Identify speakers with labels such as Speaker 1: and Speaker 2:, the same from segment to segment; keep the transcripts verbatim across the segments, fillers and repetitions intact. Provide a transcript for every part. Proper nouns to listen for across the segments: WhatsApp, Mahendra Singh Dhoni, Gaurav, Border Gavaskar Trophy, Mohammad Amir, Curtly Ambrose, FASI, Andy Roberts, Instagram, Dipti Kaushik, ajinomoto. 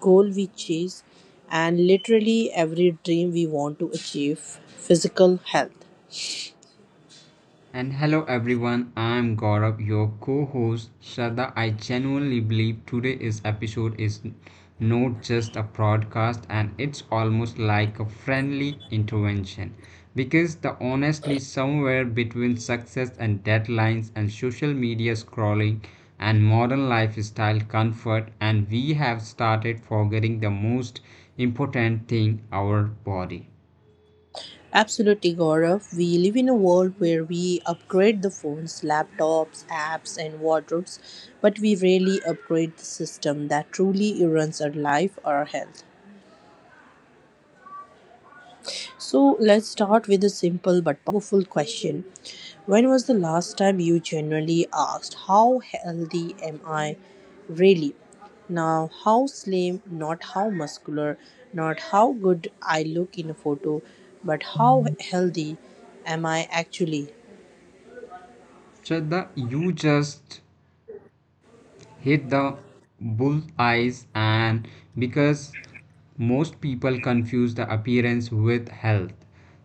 Speaker 1: goal we chase, and literally every dream we want to achieve: physical health.
Speaker 2: And hello everyone, I'm Gaurav, your co-host Shraddha. I genuinely believe today's episode is not just a broadcast and it's almost like a friendly intervention. Because the honestly somewhere between success and deadlines and social media scrolling and modern lifestyle comfort and we have started forgetting the most important thing, our body.
Speaker 1: Absolutely, Gaurav. We live in a world where we upgrade the phones, laptops, apps, and wardrobes, but we rarely upgrade the system that truly runs our life or our health. So, let's start with a simple but powerful question: when was the last time you genuinely asked, how healthy am I really? Now, how slim, not how muscular, not how good I look in a photo, but how healthy am I actually?
Speaker 2: Shraddha, you just hit the bull's eyes and because most people confuse the appearance with health,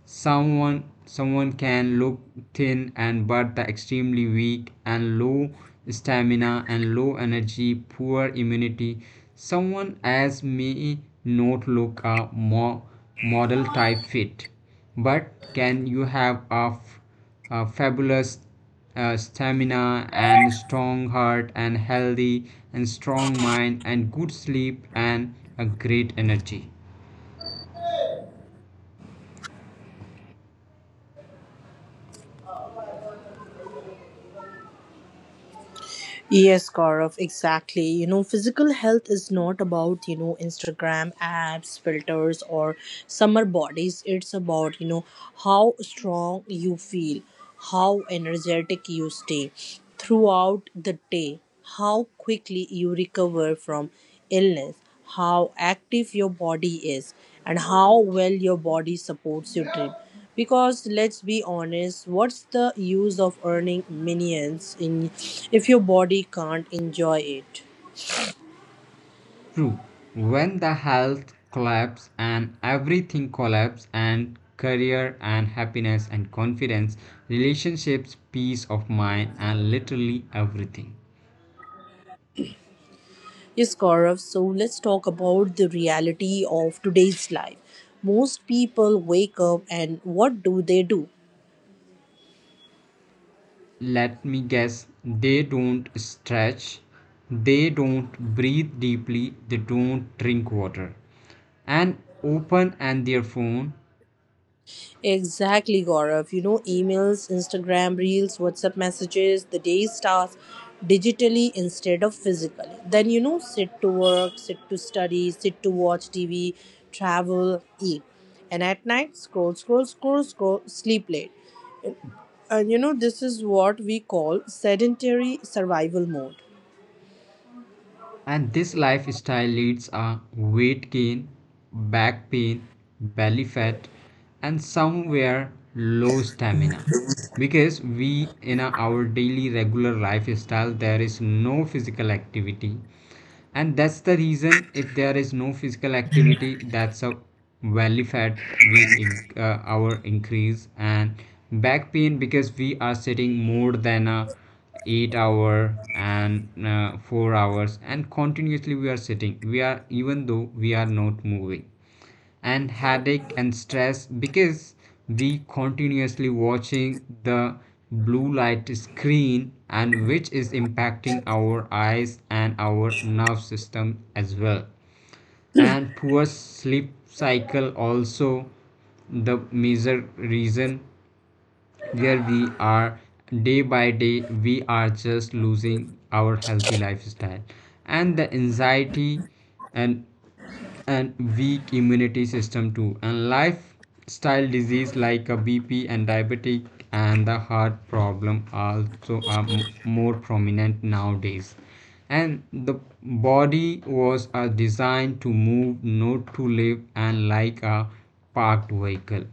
Speaker 2: someone someone can look thin and but the extremely weak and low stamina and low energy, poor immunity. Someone as may not look a mo- model type fit but can you have a a fabulous uh, stamina and strong heart and healthy and strong mind and good sleep and a great energy.
Speaker 1: Yes, Gaurav, exactly. You know, physical health is not about, you know, Instagram apps, filters, or summer bodies. It's about, you know, how strong you feel, how energetic you stay throughout the day, how quickly you recover from illness, how active your body is, and how well your body supports your dream. Because let's be honest, what's the use of earning millions in if your body can't enjoy it?
Speaker 2: True, when the health collapse and everything collapse, and career and happiness and confidence, relationships, peace of mind and literally everything.
Speaker 1: Yes, Gaurav. So let's talk about the reality of today's life. Most people wake up and what do they do?
Speaker 2: Let me guess, they don't stretch, they don't breathe deeply, they don't drink water and open and their phone.
Speaker 1: Exactly, Gaurav. You know, emails, Instagram reels, WhatsApp messages, the day starts digitally instead of physically. Then, you know, sit to work, sit to study, sit to watch T V, travel, eat. And at night, scroll, scroll, scroll, scroll, sleep late. And you know, this is what we call sedentary survival mode.
Speaker 2: And this lifestyle leads a weight gain, back pain, belly fat, and somewhere low stamina. Because we in a- our daily regular lifestyle there is no physical activity. And that's the reason if there is no physical activity, that's a belly fat we in- uh, our increase and back pain because we are sitting more than a eight hour and uh, four hours and continuously we are sitting we are, even though we are not moving, and headache and stress because we continuously watching the blue light screen and which is impacting our eyes and our nerve system as well, and poor sleep cycle also the major reason where we are day by day we are just losing our healthy lifestyle and the anxiety and and weak immunity system too and lifestyle disease like a bp and diabetic and the heart problem also are m- more prominent nowadays. And the body was uh, designed to move, not to live and like a parked vehicle.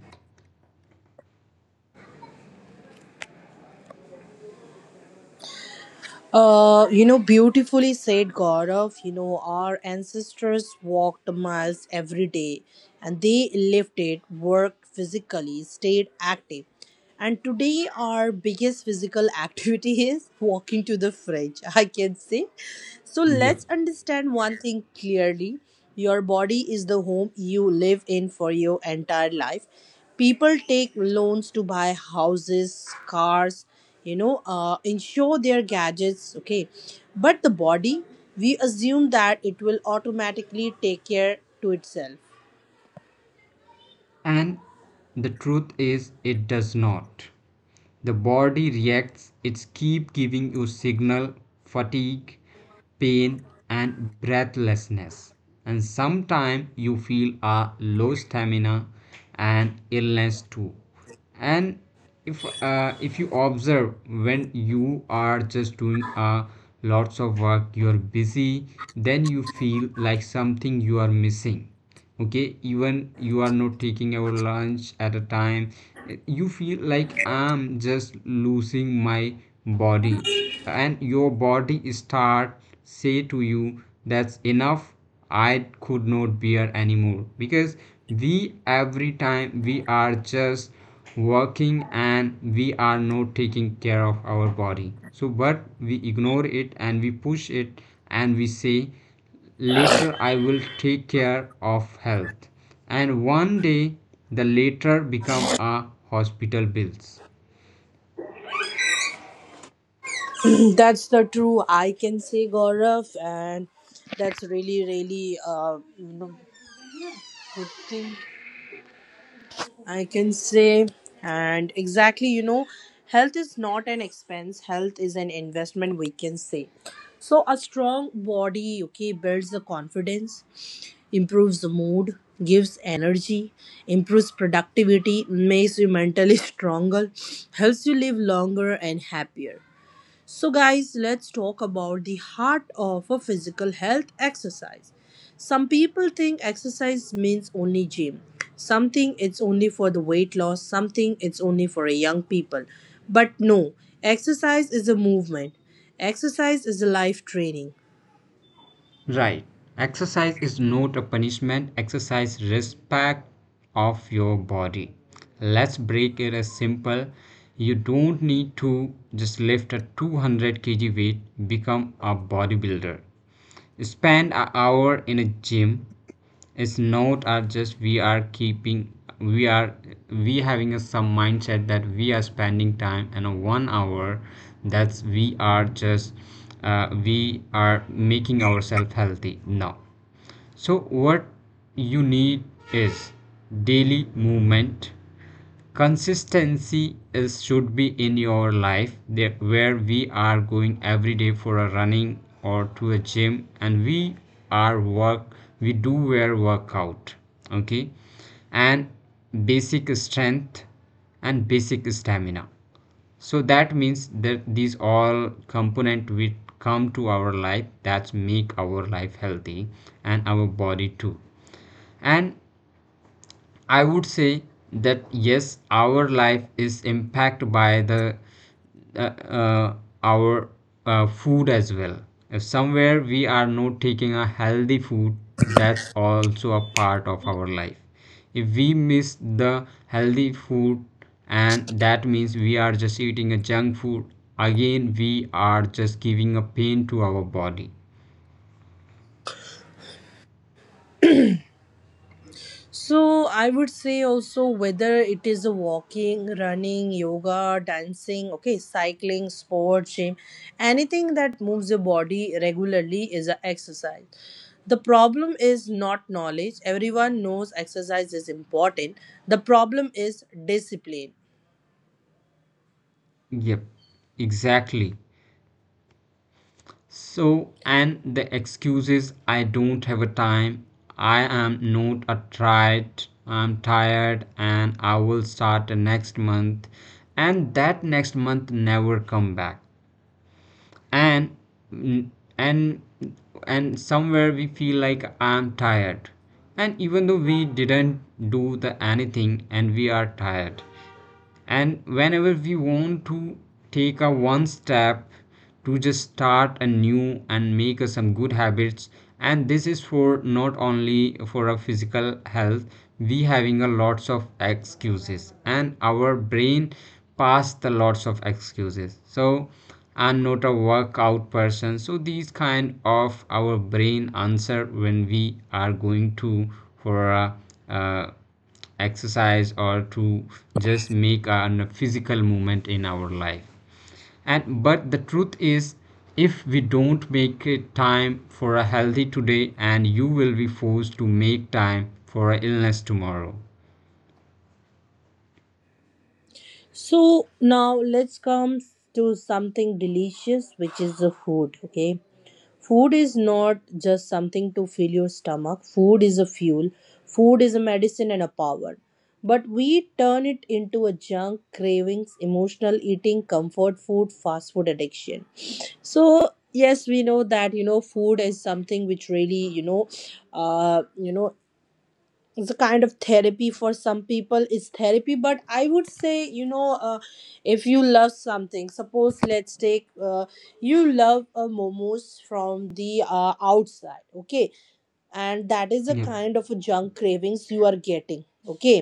Speaker 1: Uh, you know, beautifully said, Gaurav. You know, our ancestors walked miles every day and they lived it, worked physically, stayed active. And today, our biggest physical activity is walking to the fridge, I can say. So,
Speaker 2: Yep.
Speaker 1: let's understand one thing clearly: your body is the home you live in for your entire life. People take loans to buy houses, cars, you know, uh, ensure their gadgets, okay, but the body we assume that it will automatically take care to itself.
Speaker 2: And the truth is, it does not. The body reacts, it keep giving you signal, fatigue, pain, and breathlessness. And sometimes you feel a low stamina and illness too. And if uh, if you observe, when you are just doing uh, lots of work, you are busy, then you feel like something you are missing. Okay, even you are not taking your lunch at a time, eh, you feel like I'm just losing my body and your body start say to you that's enough, I could not bear anymore, because we every time we are just working and we are not taking care of our body. So but we ignore it and we push it and we say later I will take care of health, and one day the later become a hospital bills.
Speaker 1: That's the true, I can say, Gaurav, and that's really really uh, you know good thing I can say. And exactly, you know, health is not an expense, health is an investment, we can say. So, a strong body, okay, builds the confidence, improves the mood, gives energy, improves productivity, makes you mentally stronger, helps you live longer and happier. So, guys, let's talk about the heart of a physical health: exercise. Some people think exercise means only gym. Some think it's only for the weight loss, something it's only for a young people. But no, exercise is a movement. Exercise is a life training.
Speaker 2: Right. Exercise is not a punishment, exercise respect of your body. Let's break it as simple. You don't need to just lift a two hundred kilograms weight, become a bodybuilder. Spend an hour in a gym, it's not are just we are keeping we are we having a some mindset that we are spending time and a one hour, that's we are just uh, we are making ourselves healthy. No, so what you need is daily movement, consistency is should be in your life, that where we are going every day for a running or to a gym and we are work we do wear workout. Okay, and basic strength and basic stamina, so that means that these all component will come to our life that make our life healthy and our body too. And I would say that yes, our life is impacted by the uh, uh, our uh, food as well. If somewhere we are not taking a healthy food, that's also a part of our life. If we miss the healthy food, and that means we are just eating a junk food, again we are just giving a pain to our body.
Speaker 1: So I would say also whether it is a walking, running, yoga, dancing, okay, cycling, sports, gym, anything that moves your body regularly is an exercise. The problem is not knowledge. Everyone knows exercise is important. The problem is discipline.
Speaker 2: Yep, exactly. So, and the excuse is, I don't have a time, I am not a tried, I'm tired, and I will start next month, and that next month never come back. And and and somewhere we feel like I'm tired, and even though we didn't do the anything and we are tired, and whenever we want to take a one step to just start anew and make us some good habits, and this is for not only for our physical health we having a lots of excuses and our brain pass the lots of excuses. So and not a workout person, so these kind of our brain answer when we are going to for a uh, exercise or to just make a physical movement in our life. And but the truth is, if we don't make it time for a healthy today, and you will be forced to make time for a illness tomorrow.
Speaker 1: So now let's come to something delicious, which is the food. Okay. Food is not just something to fill your stomach, food is a fuel, food is a medicine and a power. But we turn it into a junk, cravings, emotional eating, comfort food, fast food addiction. So, yes, we know that, you know, food is something which really, you know, uh, you know, it's a kind of therapy. For some people it's therapy, but I would say, you know, uh, if you love something, suppose let's take, uh, you love uh, momos from the uh, outside, okay, and that is a
Speaker 2: Yep.
Speaker 1: kind of a junk cravings you are getting, okay,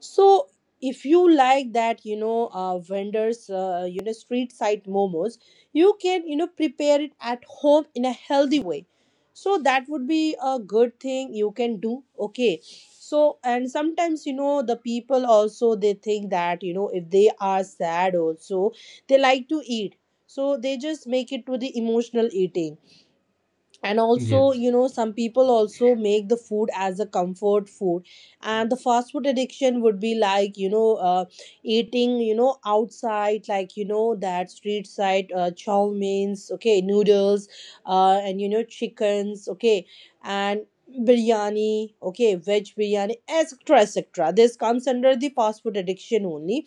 Speaker 1: so if you like that, you know, uh, vendors, uh, you know, street side momos, you can, you know, prepare it at home in a healthy way, so that would be a good thing you can do, okay. So, and sometimes, you know, the people also they think that, you know, if they are sad also they like to eat, so they just make it to the emotional eating. And also,
Speaker 2: Yes.
Speaker 1: you know, some people also make the food as a comfort food. And the fast food addiction would be like, you know, uh, eating, you know, outside, like, you know, that street side uh, chow mains, okay, noodles, uh, and, you know, chickens, okay, and biryani, okay, veg biryani, etc., etc. This comes under the fast food addiction only.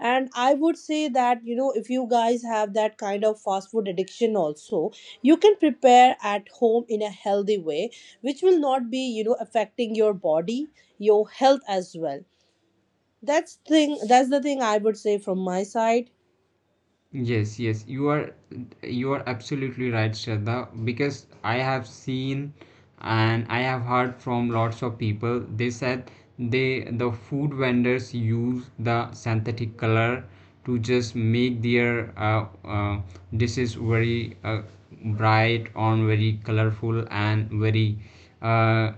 Speaker 1: And I would say that, you know, if you guys have that kind of fast food addiction also, you can prepare at home in a healthy way, which will not be, you know, affecting your body, your health as well. That's thing, that's the thing I would say from my side.
Speaker 2: Yes, yes, you are you are absolutely right, Shraddha, because I have seen and I have heard from lots of people. They said they the food vendors use the synthetic color to just make their uh, uh, dishes very uh, bright on very colorful and very uh,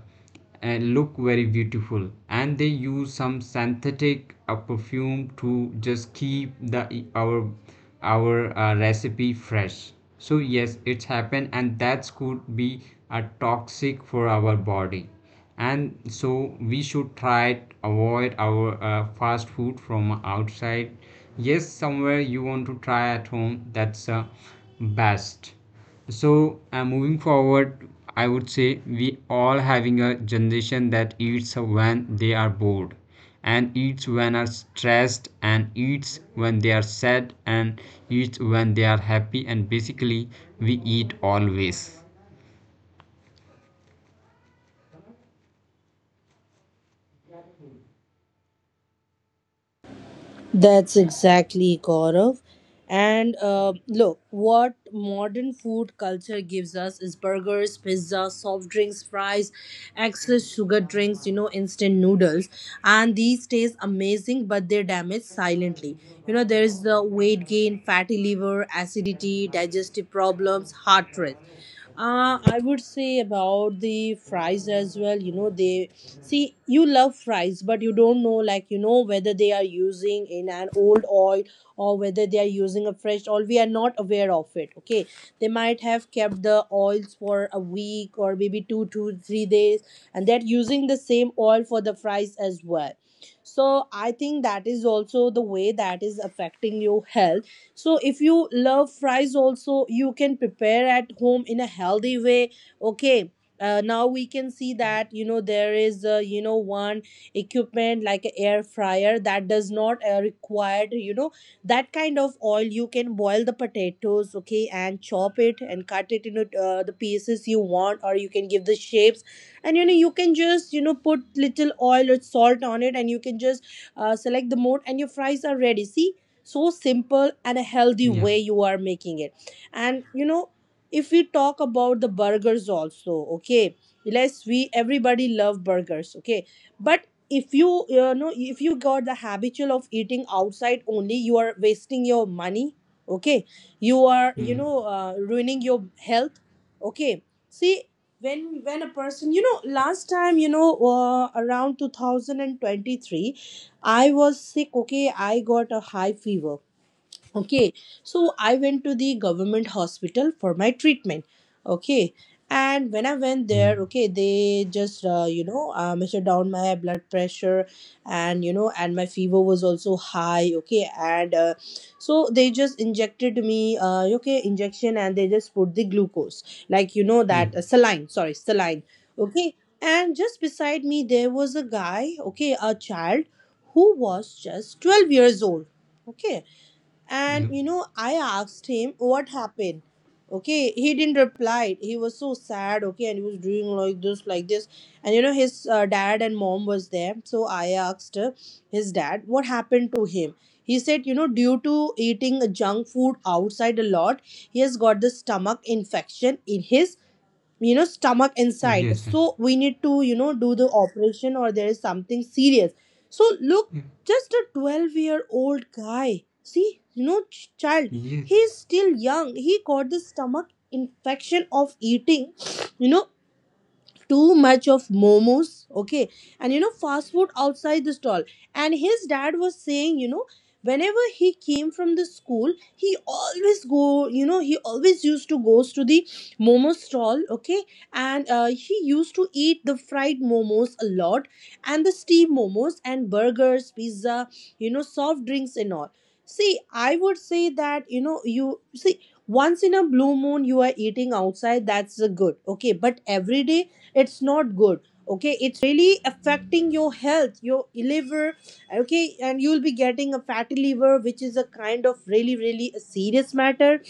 Speaker 2: and look very beautiful, and they use some synthetic uh, perfume to just keep the e, our our uh, recipe fresh. So yes, it's happened, and that could be a uh, toxic for our body. And so we should try to avoid our uh, fast food from outside. Yes, somewhere you want to try at home, that's uh, best. So uh, moving forward, I would say we all having a generation that eats when they are bored, and eats when are stressed, and eats when they are sad, and eats when they are happy, and basically we eat always.
Speaker 1: That's exactly, Gaurav. And uh, look, what modern food culture gives us is burgers, pizza, soft drinks, fries, excess sugar drinks, you know, instant noodles. And these taste amazing, but they damage silently. You know, there is the weight gain, fatty liver, acidity, digestive problems, heart rate. Uh, I would say about the fries as well. You know, they see you love fries, but you don't know, like, you know, whether they are using in an old oil or whether they are using a fresh oil. We are not aware of it. Okay. They might have kept the oils for a week or maybe two, two, three days, and they're using the same oil for the fries as well. So I think that is also the way that is affecting your health. So if you love fries also, you can prepare at home in a healthy way, okay. Uh, now we can see that, you know, there is uh, you know one equipment like a air fryer that does not uh, required, you know, that kind of oil. You can boil the potatoes, okay, and chop it and cut it into uh, the pieces you want, or you can give the shapes, and you know, you can just, you know, put little oil or salt on it, and you can just uh, select the mode and your fries are ready. See, so simple and a healthy
Speaker 2: Yeah.
Speaker 1: way you are making it. And you know if we talk about the burgers also, okay, let's we everybody love burgers, okay, but if you, you know, if you got the habitual of eating outside only, you are wasting your money, okay, you are, you
Speaker 2: Mm.
Speaker 1: know, uh, ruining your health, okay. See, when when a person, you know, last time, you know, uh, around two thousand twenty-three I was sick, okay. I got a high fever, okay, so I went to the government hospital for my treatment, okay. And when I went
Speaker 2: Mm.
Speaker 1: there, okay, they just, uh, you know, uh, measured down my blood pressure, and you know, and my fever was also high, okay. And uh, so they just injected me, uh, okay, injection, and they just put the glucose, like, you know,
Speaker 2: Yeah.
Speaker 1: that uh, saline, sorry, saline, okay. And just beside me there was a guy, okay, a child who was just twelve years old, okay. And
Speaker 2: Yeah.
Speaker 1: you know, I asked him what happened. Okay, he didn't reply. He was so sad. Okay, and he was doing like this, like this. And you know, his uh, dad and mom was there. So I asked uh, his dad what happened to him. He said, you know, due to eating junk food outside a lot, he has got the stomach infection in his, you know, stomach inside,
Speaker 2: Yes. Sir.
Speaker 1: so we need to, you know, do the operation or there is something serious. So look,
Speaker 2: Yeah.
Speaker 1: just a twelve year old guy, see, you know, ch- child,
Speaker 2: Yes.
Speaker 1: he's still young, he got the stomach infection of eating, you know, too much of momos, okay. And you know, fast food outside the stall. And his dad was saying, you know, whenever he came from the school, he always go, you know, he always used to goes to the momo stall, okay. And uh, he used to eat the fried momos a lot, and the steamed momos, and burgers, pizza, you know, soft drinks and all. See, I would say that, you know, you see, once in a blue moon you are eating outside, that's a good, okay, but every day it's not good, okay, it's really affecting your health, your liver, okay. And you'll be getting a fatty liver, which is a kind of really really a serious matter,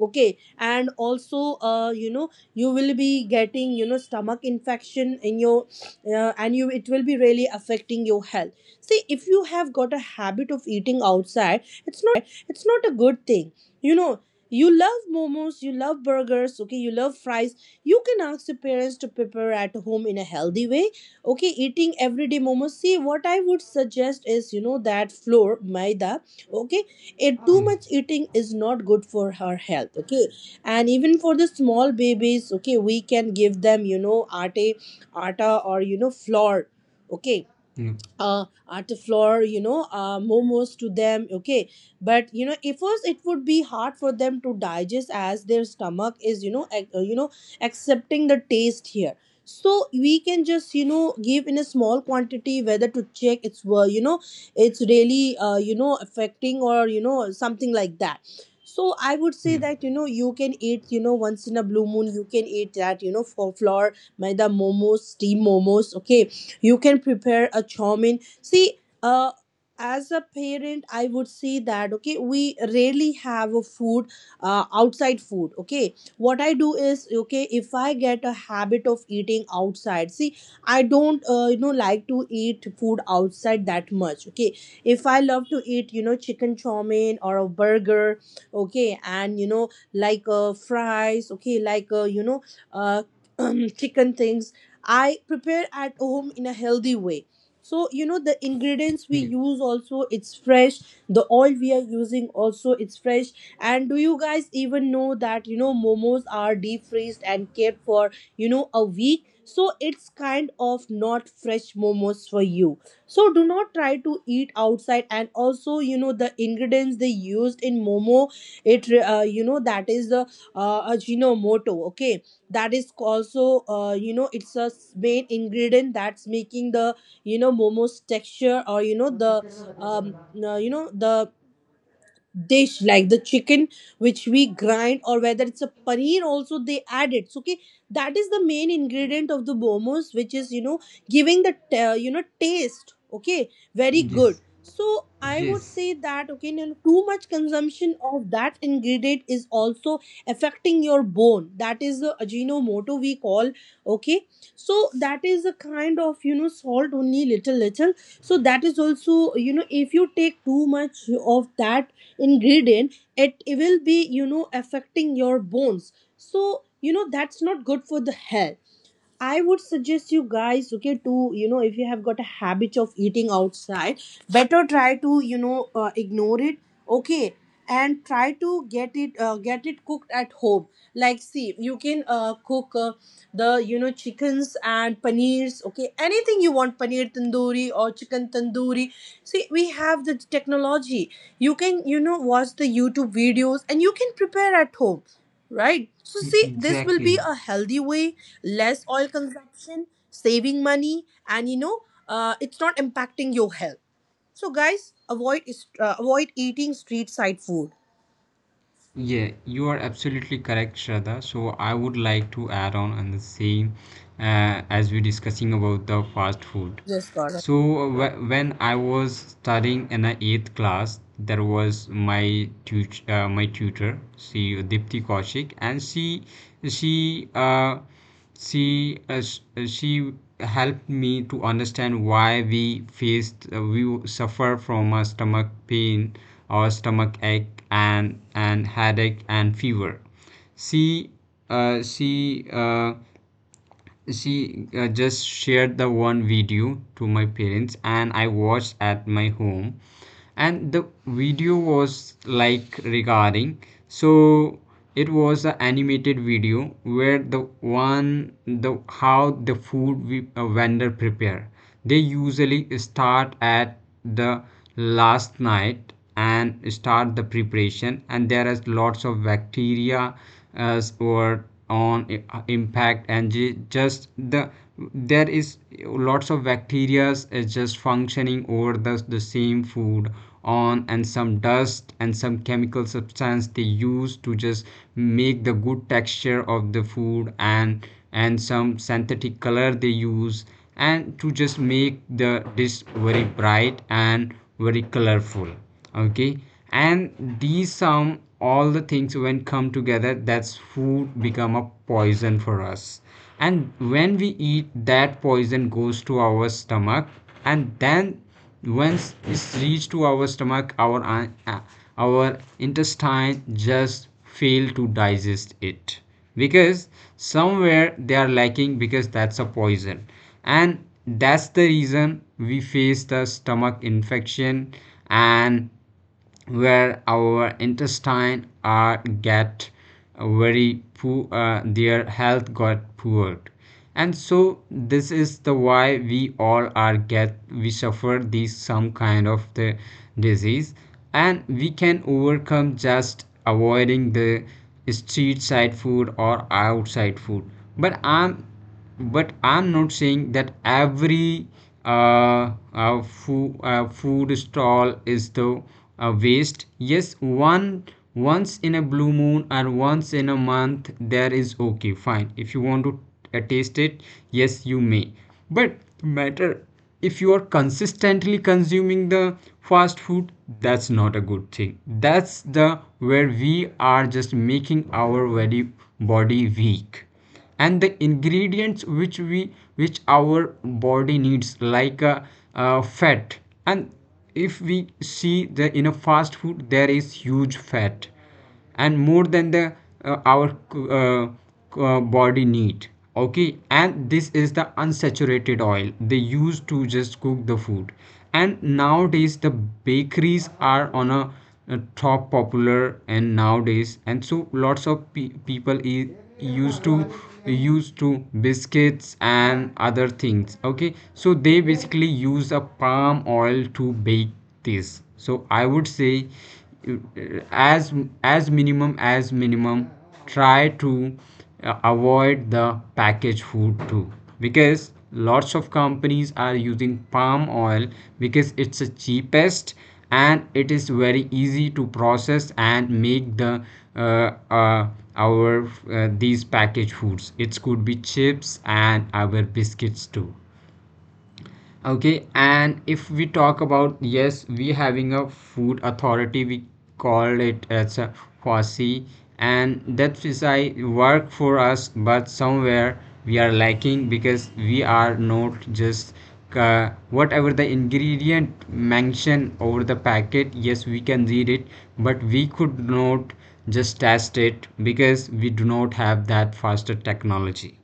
Speaker 1: okay. And also, uh, you know, you will be getting, you know, stomach infection in your, uh, and you, it will be really affecting your health. See, if you have got a habit of eating outside, it's not a good thing. You know, you love momos, you love burgers, okay, you love fries, you can ask the parents to prepare at home in a healthy way, okay. Eating everyday momos, see, what I would suggest is, you know, that flour maida, okay, and too
Speaker 2: Yes.
Speaker 1: much eating is not good for her health, okay. And even for the small babies, okay, we can give them you know atta atta, or you know flour, okay.
Speaker 2: Yeah.
Speaker 1: Uh, art floor, you know uh, momos to them, okay. But you know if first it would be hard for them to digest, as their stomach is you know ac- uh, you know accepting the taste here. So we can just you know give in a small quantity, whether to check it's were, you know it's really uh, you know affecting, or you know something like that. So I would say
Speaker 2: Yeah.
Speaker 1: that you know you can eat, you know once in a blue moon you can eat that, you know for flour maida momos, steam momos, okay. You can prepare a chowmin. See uh as a parent, I would say that okay, we rarely have a food, uh, outside food, okay. What I do is, okay, if I get a habit of eating outside, see, I don't uh, you know like to eat food outside that much, okay. If I love to eat, you know chicken chow mein or a burger, okay, and you know like uh, fries, okay, like uh, you know uh, chicken things, I prepare at home in a healthy way. So, you know the ingredients we
Speaker 2: Yeah.
Speaker 1: use also, it's fresh. The oil we are using also, it's fresh. And do you guys even know that you know momos are deep freezed and kept for, you know a week? So it's kind of not fresh momos for you. So do not try to eat outside. And also, you know the ingredients they used in momo, it uh, you know that is the uh, ajinomoto. Okay, that is also, uh, you know it's a s- main ingredient, that's making the you know momos texture, or you know the um uh, you know the dish, like the chicken which we grind, or whether it's a paneer also, they add it, so okay, that is the main ingredient of the momos, which is you know giving the t- uh, you know taste, okay, very good.
Speaker 2: Yes.
Speaker 1: So I would
Speaker 2: Yes.
Speaker 1: say that okay, you know, too much consumption of that ingredient is also affecting your bone, that is the ajinomoto we call, okay. So that is a kind of you know salt only, little little. So that is also, you know if you take too much of that ingredient, it, will be you know affecting your bones. So, you know that's not good for the health. I would suggest you guys, okay, to, you know, if you have got a habit of eating outside, better try to, you know, uh, ignore it, okay, and try to get it, uh, get it cooked at home. Like, see, you can uh, cook uh, the, you know, chickens and paneers, okay, anything you want, paneer tandoori or chicken tandoori. See, we have the technology. You can, you know, watch the YouTube videos, and you can prepare at home, right? So, see, this will be
Speaker 2: Exactly.
Speaker 1: a healthy way: less oil consumption, saving money, and you know, uh, it's not impacting your health. So guys, avoid is- uh, avoid eating street side food.
Speaker 2: Yeah, you are absolutely correct, Shraddha. So I would like to add on on the same uh, as we discussing about the fast food.
Speaker 1: Yes, Gaurav.
Speaker 2: So wh- when I was studying in the eighth class, there was my tut- uh, my tutor, she Dipti Kaushik, and she she uh, she uh, sh- uh, she helped me to understand why we faced uh, we suffer from a stomach pain or stomach ache and and headache and fever. She uh, she uh, she uh, just shared the one video to my parents, and I watched at my home. And the video was like regarding, so it was an animated video where the one the how the food we, uh, vendor prepare. They usually start at the last night and start the preparation and there is lots of bacteria as or on impact and just the there is lots of bacteria is just functioning over the, the same food on and some dust and some chemical substance they use to just make the good texture of the food, and and some synthetic color they use and to just make the dish very bright and very colorful. Okay, and these some all the things when come together, that's food become a poison for us. And when we eat, that poison goes to our stomach, and then once it's reached to our stomach, our uh, our intestine just fail to digest it because somewhere they are lacking, because that's a poison, and that's the reason we face the stomach infection, and where our intestine are get very poor uh, their health got poor. And so this is the why we all are get we suffer these some kind of the disease, and we can overcome just avoiding the street side food or outside food. But i'm but I'm not saying that every uh, uh, foo- uh, food stall is the uh, waste. Yes, one once in a blue moon or once in a month there is okay, fine. If you want to uh, taste it, yes, you may. But matter if you are consistently consuming the fast food, that's not a good thing. That's the where we are just making our very body weak, and the ingredients which we which our body needs, like uh, uh, fat. And if we see the in a fast food, there is huge fat and more than the uh, our uh, uh, body need, okay, and this is the unsaturated oil they use to just cook the food. And nowadays the bakeries are on a, a top popular, and nowadays, and so lots of pe- people eat used to used to biscuits and other things, okay. So they basically use a palm oil to bake this. So I would say, uh, as as minimum as minimum, try to uh, avoid the packaged food too, because lots of companies are using palm oil because it's the cheapest and it is very easy to process and make the uh, uh, our uh, these packaged foods. It could be chips and our biscuits too, okay. And if we talk about, yes, we having a food authority, we call it as a fassi, and that is I work for us, but somewhere we are lacking, because we are not just, uh, whatever the ingredient mentioned over the packet, yes, we can read it, but we could not just test it because we do not have that faster technology.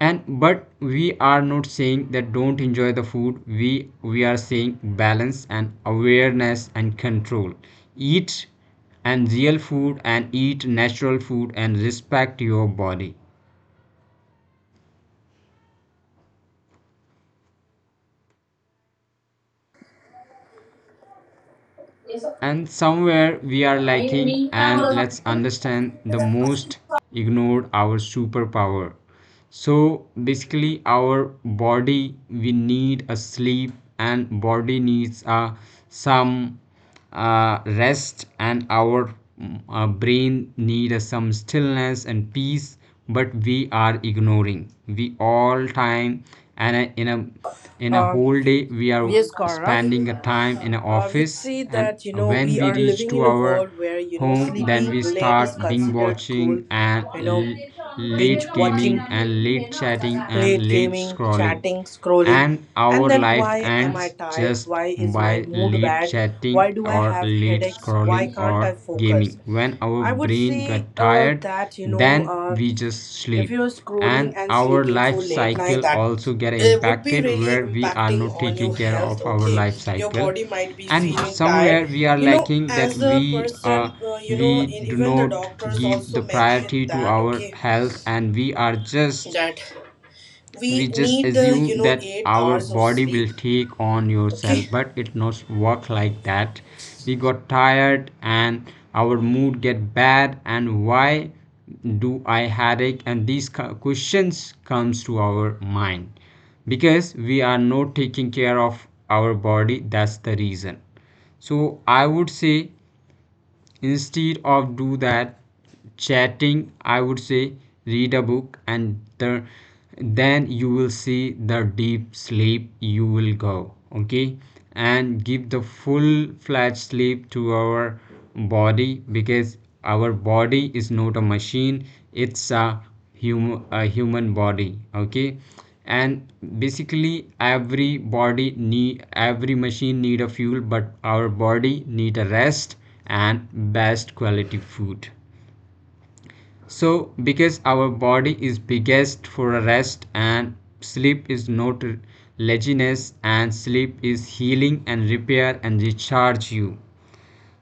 Speaker 2: And but we are not saying that don't enjoy the food. We we are saying balance and awareness and control eat, and real food, and eat natural food, and respect your body, and somewhere we are lacking. And let's understand the most ignored our superpower. So basically our body, we need a sleep, and body needs uh, some uh, rest, and our mm, uh, brain need uh, some stillness and peace. But we are ignoring we all time, and uh, in a in a
Speaker 1: Um,
Speaker 2: whole day we are
Speaker 1: yes, Gaurav.
Speaker 2: spending a time in a
Speaker 1: I would
Speaker 2: office,
Speaker 1: say
Speaker 2: and
Speaker 1: that, you know
Speaker 2: when
Speaker 1: we
Speaker 2: we
Speaker 1: are
Speaker 2: reach
Speaker 1: living
Speaker 2: to
Speaker 1: in a
Speaker 2: our
Speaker 1: world where, you know
Speaker 2: home, then
Speaker 1: sleeping
Speaker 2: we
Speaker 1: late is
Speaker 2: start being
Speaker 1: considered cool.
Speaker 2: watching and
Speaker 1: You know, Binge
Speaker 2: late
Speaker 1: watching,
Speaker 2: gaming and late chatting and
Speaker 1: late
Speaker 2: late
Speaker 1: gaming,
Speaker 2: scrolling,
Speaker 1: chatting, scrolling,
Speaker 2: and
Speaker 1: and
Speaker 2: our
Speaker 1: then,
Speaker 2: life
Speaker 1: why am I
Speaker 2: ends
Speaker 1: tired?
Speaker 2: just
Speaker 1: Why is my
Speaker 2: by
Speaker 1: mood
Speaker 2: late
Speaker 1: bad? Why
Speaker 2: chatting
Speaker 1: do I
Speaker 2: or
Speaker 1: have
Speaker 2: late
Speaker 1: headaches? Why
Speaker 2: scrolling
Speaker 1: can't I
Speaker 2: or
Speaker 1: focus?
Speaker 2: gaming. When our
Speaker 1: I would
Speaker 2: brain
Speaker 1: say
Speaker 2: got
Speaker 1: uh,
Speaker 2: tired,
Speaker 1: that you know.
Speaker 2: then
Speaker 1: Uh,
Speaker 2: we just
Speaker 1: if
Speaker 2: sleep,
Speaker 1: you're scrolling
Speaker 2: and
Speaker 1: and
Speaker 2: our
Speaker 1: sleeping
Speaker 2: life
Speaker 1: for late night,
Speaker 2: cycle
Speaker 1: that
Speaker 2: also get
Speaker 1: it would be
Speaker 2: impacted,
Speaker 1: really
Speaker 2: where we are
Speaker 1: impacting
Speaker 2: not
Speaker 1: on
Speaker 2: taking
Speaker 1: your
Speaker 2: care
Speaker 1: health,
Speaker 2: of our
Speaker 1: okay.
Speaker 2: life
Speaker 1: Your
Speaker 2: cycle.
Speaker 1: body might be
Speaker 2: And
Speaker 1: feeling tired,
Speaker 2: somewhere we are
Speaker 1: you know
Speaker 2: lacking that
Speaker 1: as a
Speaker 2: we uh,
Speaker 1: person, uh, you know
Speaker 2: we
Speaker 1: in,
Speaker 2: do
Speaker 1: even the
Speaker 2: not
Speaker 1: doctors
Speaker 2: give the
Speaker 1: also mentioned
Speaker 2: priority to
Speaker 1: that
Speaker 2: our
Speaker 1: okay,
Speaker 2: health, and we are just
Speaker 1: that
Speaker 2: we
Speaker 1: we
Speaker 2: just
Speaker 1: need the you
Speaker 2: assume
Speaker 1: know
Speaker 2: that
Speaker 1: eight
Speaker 2: our
Speaker 1: hours of
Speaker 2: body
Speaker 1: sleep,
Speaker 2: will take on yourself,
Speaker 1: okay.
Speaker 2: but it not work like that. We got tired and our mood get bad, and why do I headache, and these questions comes to our mind because we are not taking care of our body, that's the reason. So I would say, instead of do that chatting, I would say read a book, and the, then you will see the deep sleep you will go, okay, and give the full fledged sleep to our body, because our body is not a machine, it's a human, a human body, okay. And basically every body need every machine need a fuel, but our body need a rest and best quality food. So because our body is biggest for a rest, and sleep is not laziness, and sleep is healing and repair and recharge you.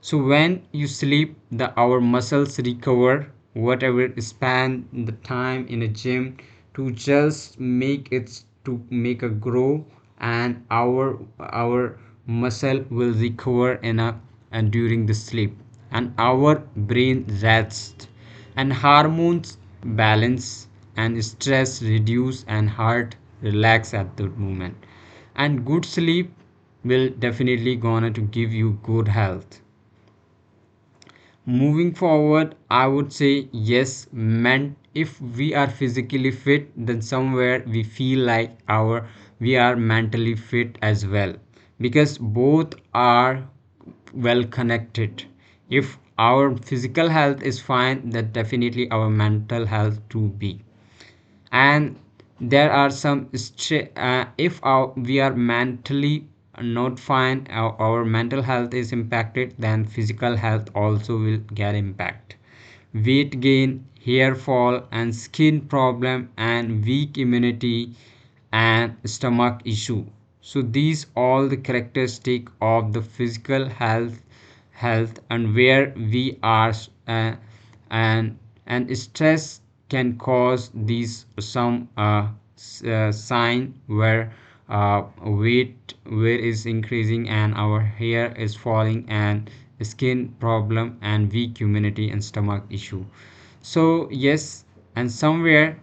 Speaker 2: So when you sleep, the our muscles recover whatever span the time in a gym to just make it to make a grow, and our our muscle will recover in a and during the sleep, and our brain rests, and hormones balance, and stress reduce, and heart relax at that moment, and good sleep will definitely gonna to give you good health. Moving forward, I would say, yes, meant if we are physically fit, then somewhere we feel like our we are mentally fit as well, because both are well connected. If our physical health is fine, then definitely our mental health too be. And there are some, uh, if our, we are mentally not fine, our, our mental health is impacted, then physical health also will get impact, weight gain, hair fall, and skin problem, and weak immunity, and stomach issue. So these all the characteristic of the physical health health. And where we are uh, and and stress can cause these some uh, uh, sign, where uh, weight weight is increasing, and our hair is falling, and skin problem, and weak immunity, and stomach issue. So yes, and somewhere,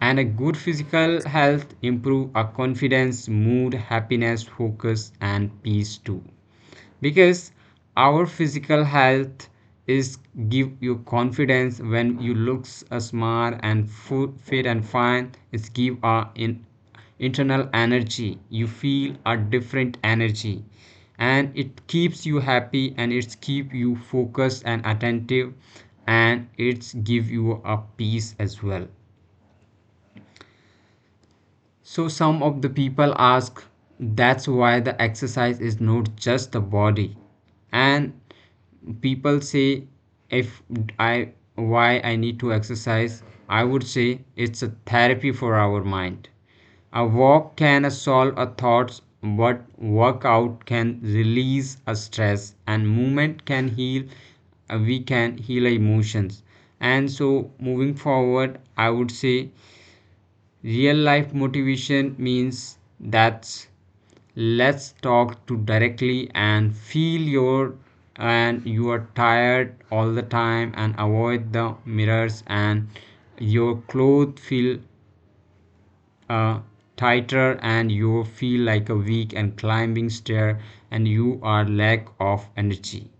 Speaker 2: and a good physical health improve our confidence, mood, happiness, focus, and peace too, because our physical health is give you confidence. When you looks uh, smart and fu- fit and fine, it's give a in internal energy, you feel a different energy, and it keeps you happy, and it's keep you focused and attentive, and it's give you a peace as well. So some of the people ask, that's why the exercise is not just the body. And people say, if I why I need to exercise, I would say it's a therapy for our mind. A walk can solve a thoughts, but workout can release a stress, and movement can heal, uh, we can heal emotions. And so, moving forward, I would say, real life motivation means, that's let's talk to directly and feel your, and you are tired all the time and avoid the mirrors, and your clothes feel uh, tighter, and you feel like a weak and climbing stair, and you are lack of energy,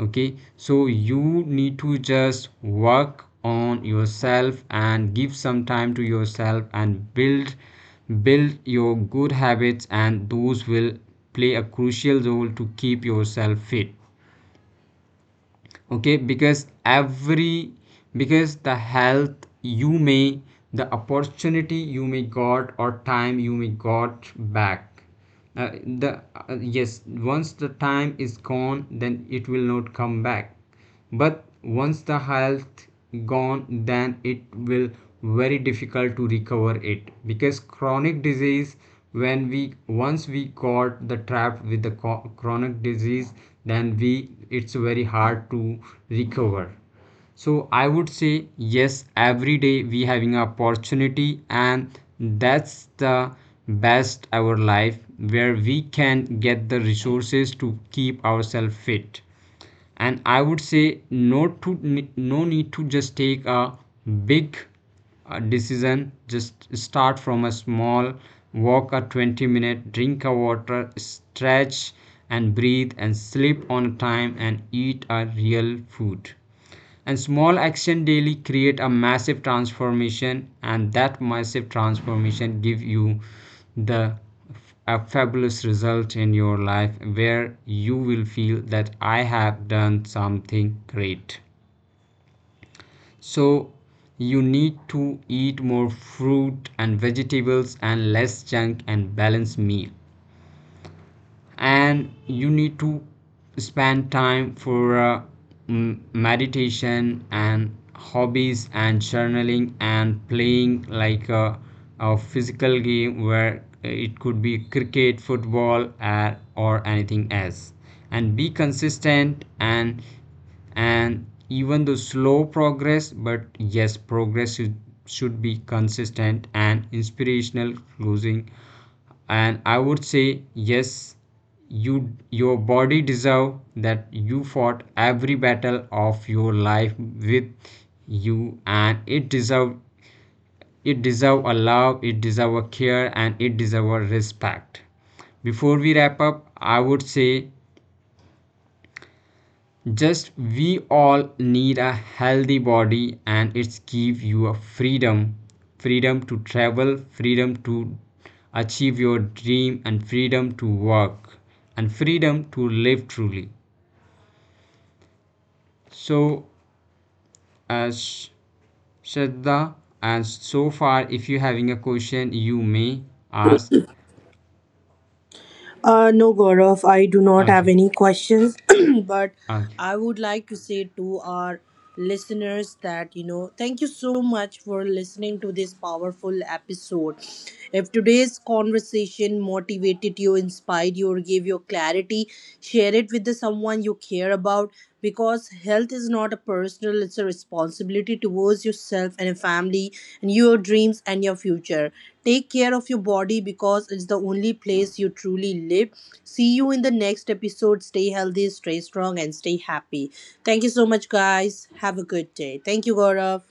Speaker 2: okay. So you need to just work on yourself and give some time to yourself and build build your good habits, and those will play a crucial role to keep yourself fit, okay. Because every, because the health, you may the opportunity you may got or time you may got back uh, the uh, yes, once the time is gone, then it will not come back, but once the health gone, then it will very difficult to recover it. Because chronic disease, when we once we got the trap with the chronic disease, then we it's very hard to recover. So I would say, yes, every day we having an opportunity, and that's the best our life, where we can get the resources to keep ourselves fit. And I would say no, to no need to just take a big uh, decision, just start from a small walk, a twenty minute, drink a water, stretch, and breathe, and sleep on time, and eat a real food, and small action daily create a massive transformation, and that massive transformation give you the a fabulous result in your life, where you will feel that I have done something great. So you need to eat more fruit and vegetables and less junk and balanced meal, and you need to spend time for uh, m- meditation and hobbies and journaling and playing like a, a physical game, where it could be cricket, football, or or anything else, and be consistent, and and even though slow progress, but yes progress should, should be consistent. And inspirational closing, and I would say, yes, you, your body deserve that you fought every battle of your life with you, and it deserve, it deserve a love, it deserve a care, and it deserve a respect. Before we wrap up, I would say, just we all need a healthy body, and it's give you a freedom freedom to travel, freedom to achieve your dream, and freedom to work, and freedom to live truly. So as Shraddha, as so far, if you having a question, you may ask,
Speaker 3: Uh, no, Gaurav, I do not have
Speaker 2: okay.
Speaker 3: any questions, but
Speaker 2: Okay,
Speaker 3: I would like to say to our listeners that, you know, thank you so much for listening to this powerful episode. If today's conversation motivated you, inspired you, or gave you clarity, share it with the someone you care about, because health is not a personal, it's a responsibility towards yourself and your family and your dreams and your future. Take care of your body because it's the only place you truly live. See you in the next episode. Stay healthy, stay strong, and stay happy. Thank you so much, guys. Have a good day. Thank you, Gaurav.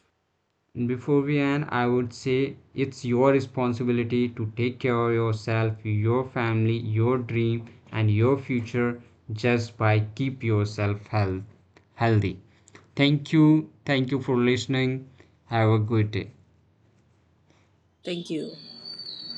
Speaker 2: before we end, I would say it's your responsibility to take care of yourself, your family, your dream, and your future, just by keep yourself health, healthy. Thank you. Thank you for listening. Have a good day.
Speaker 3: Thank you.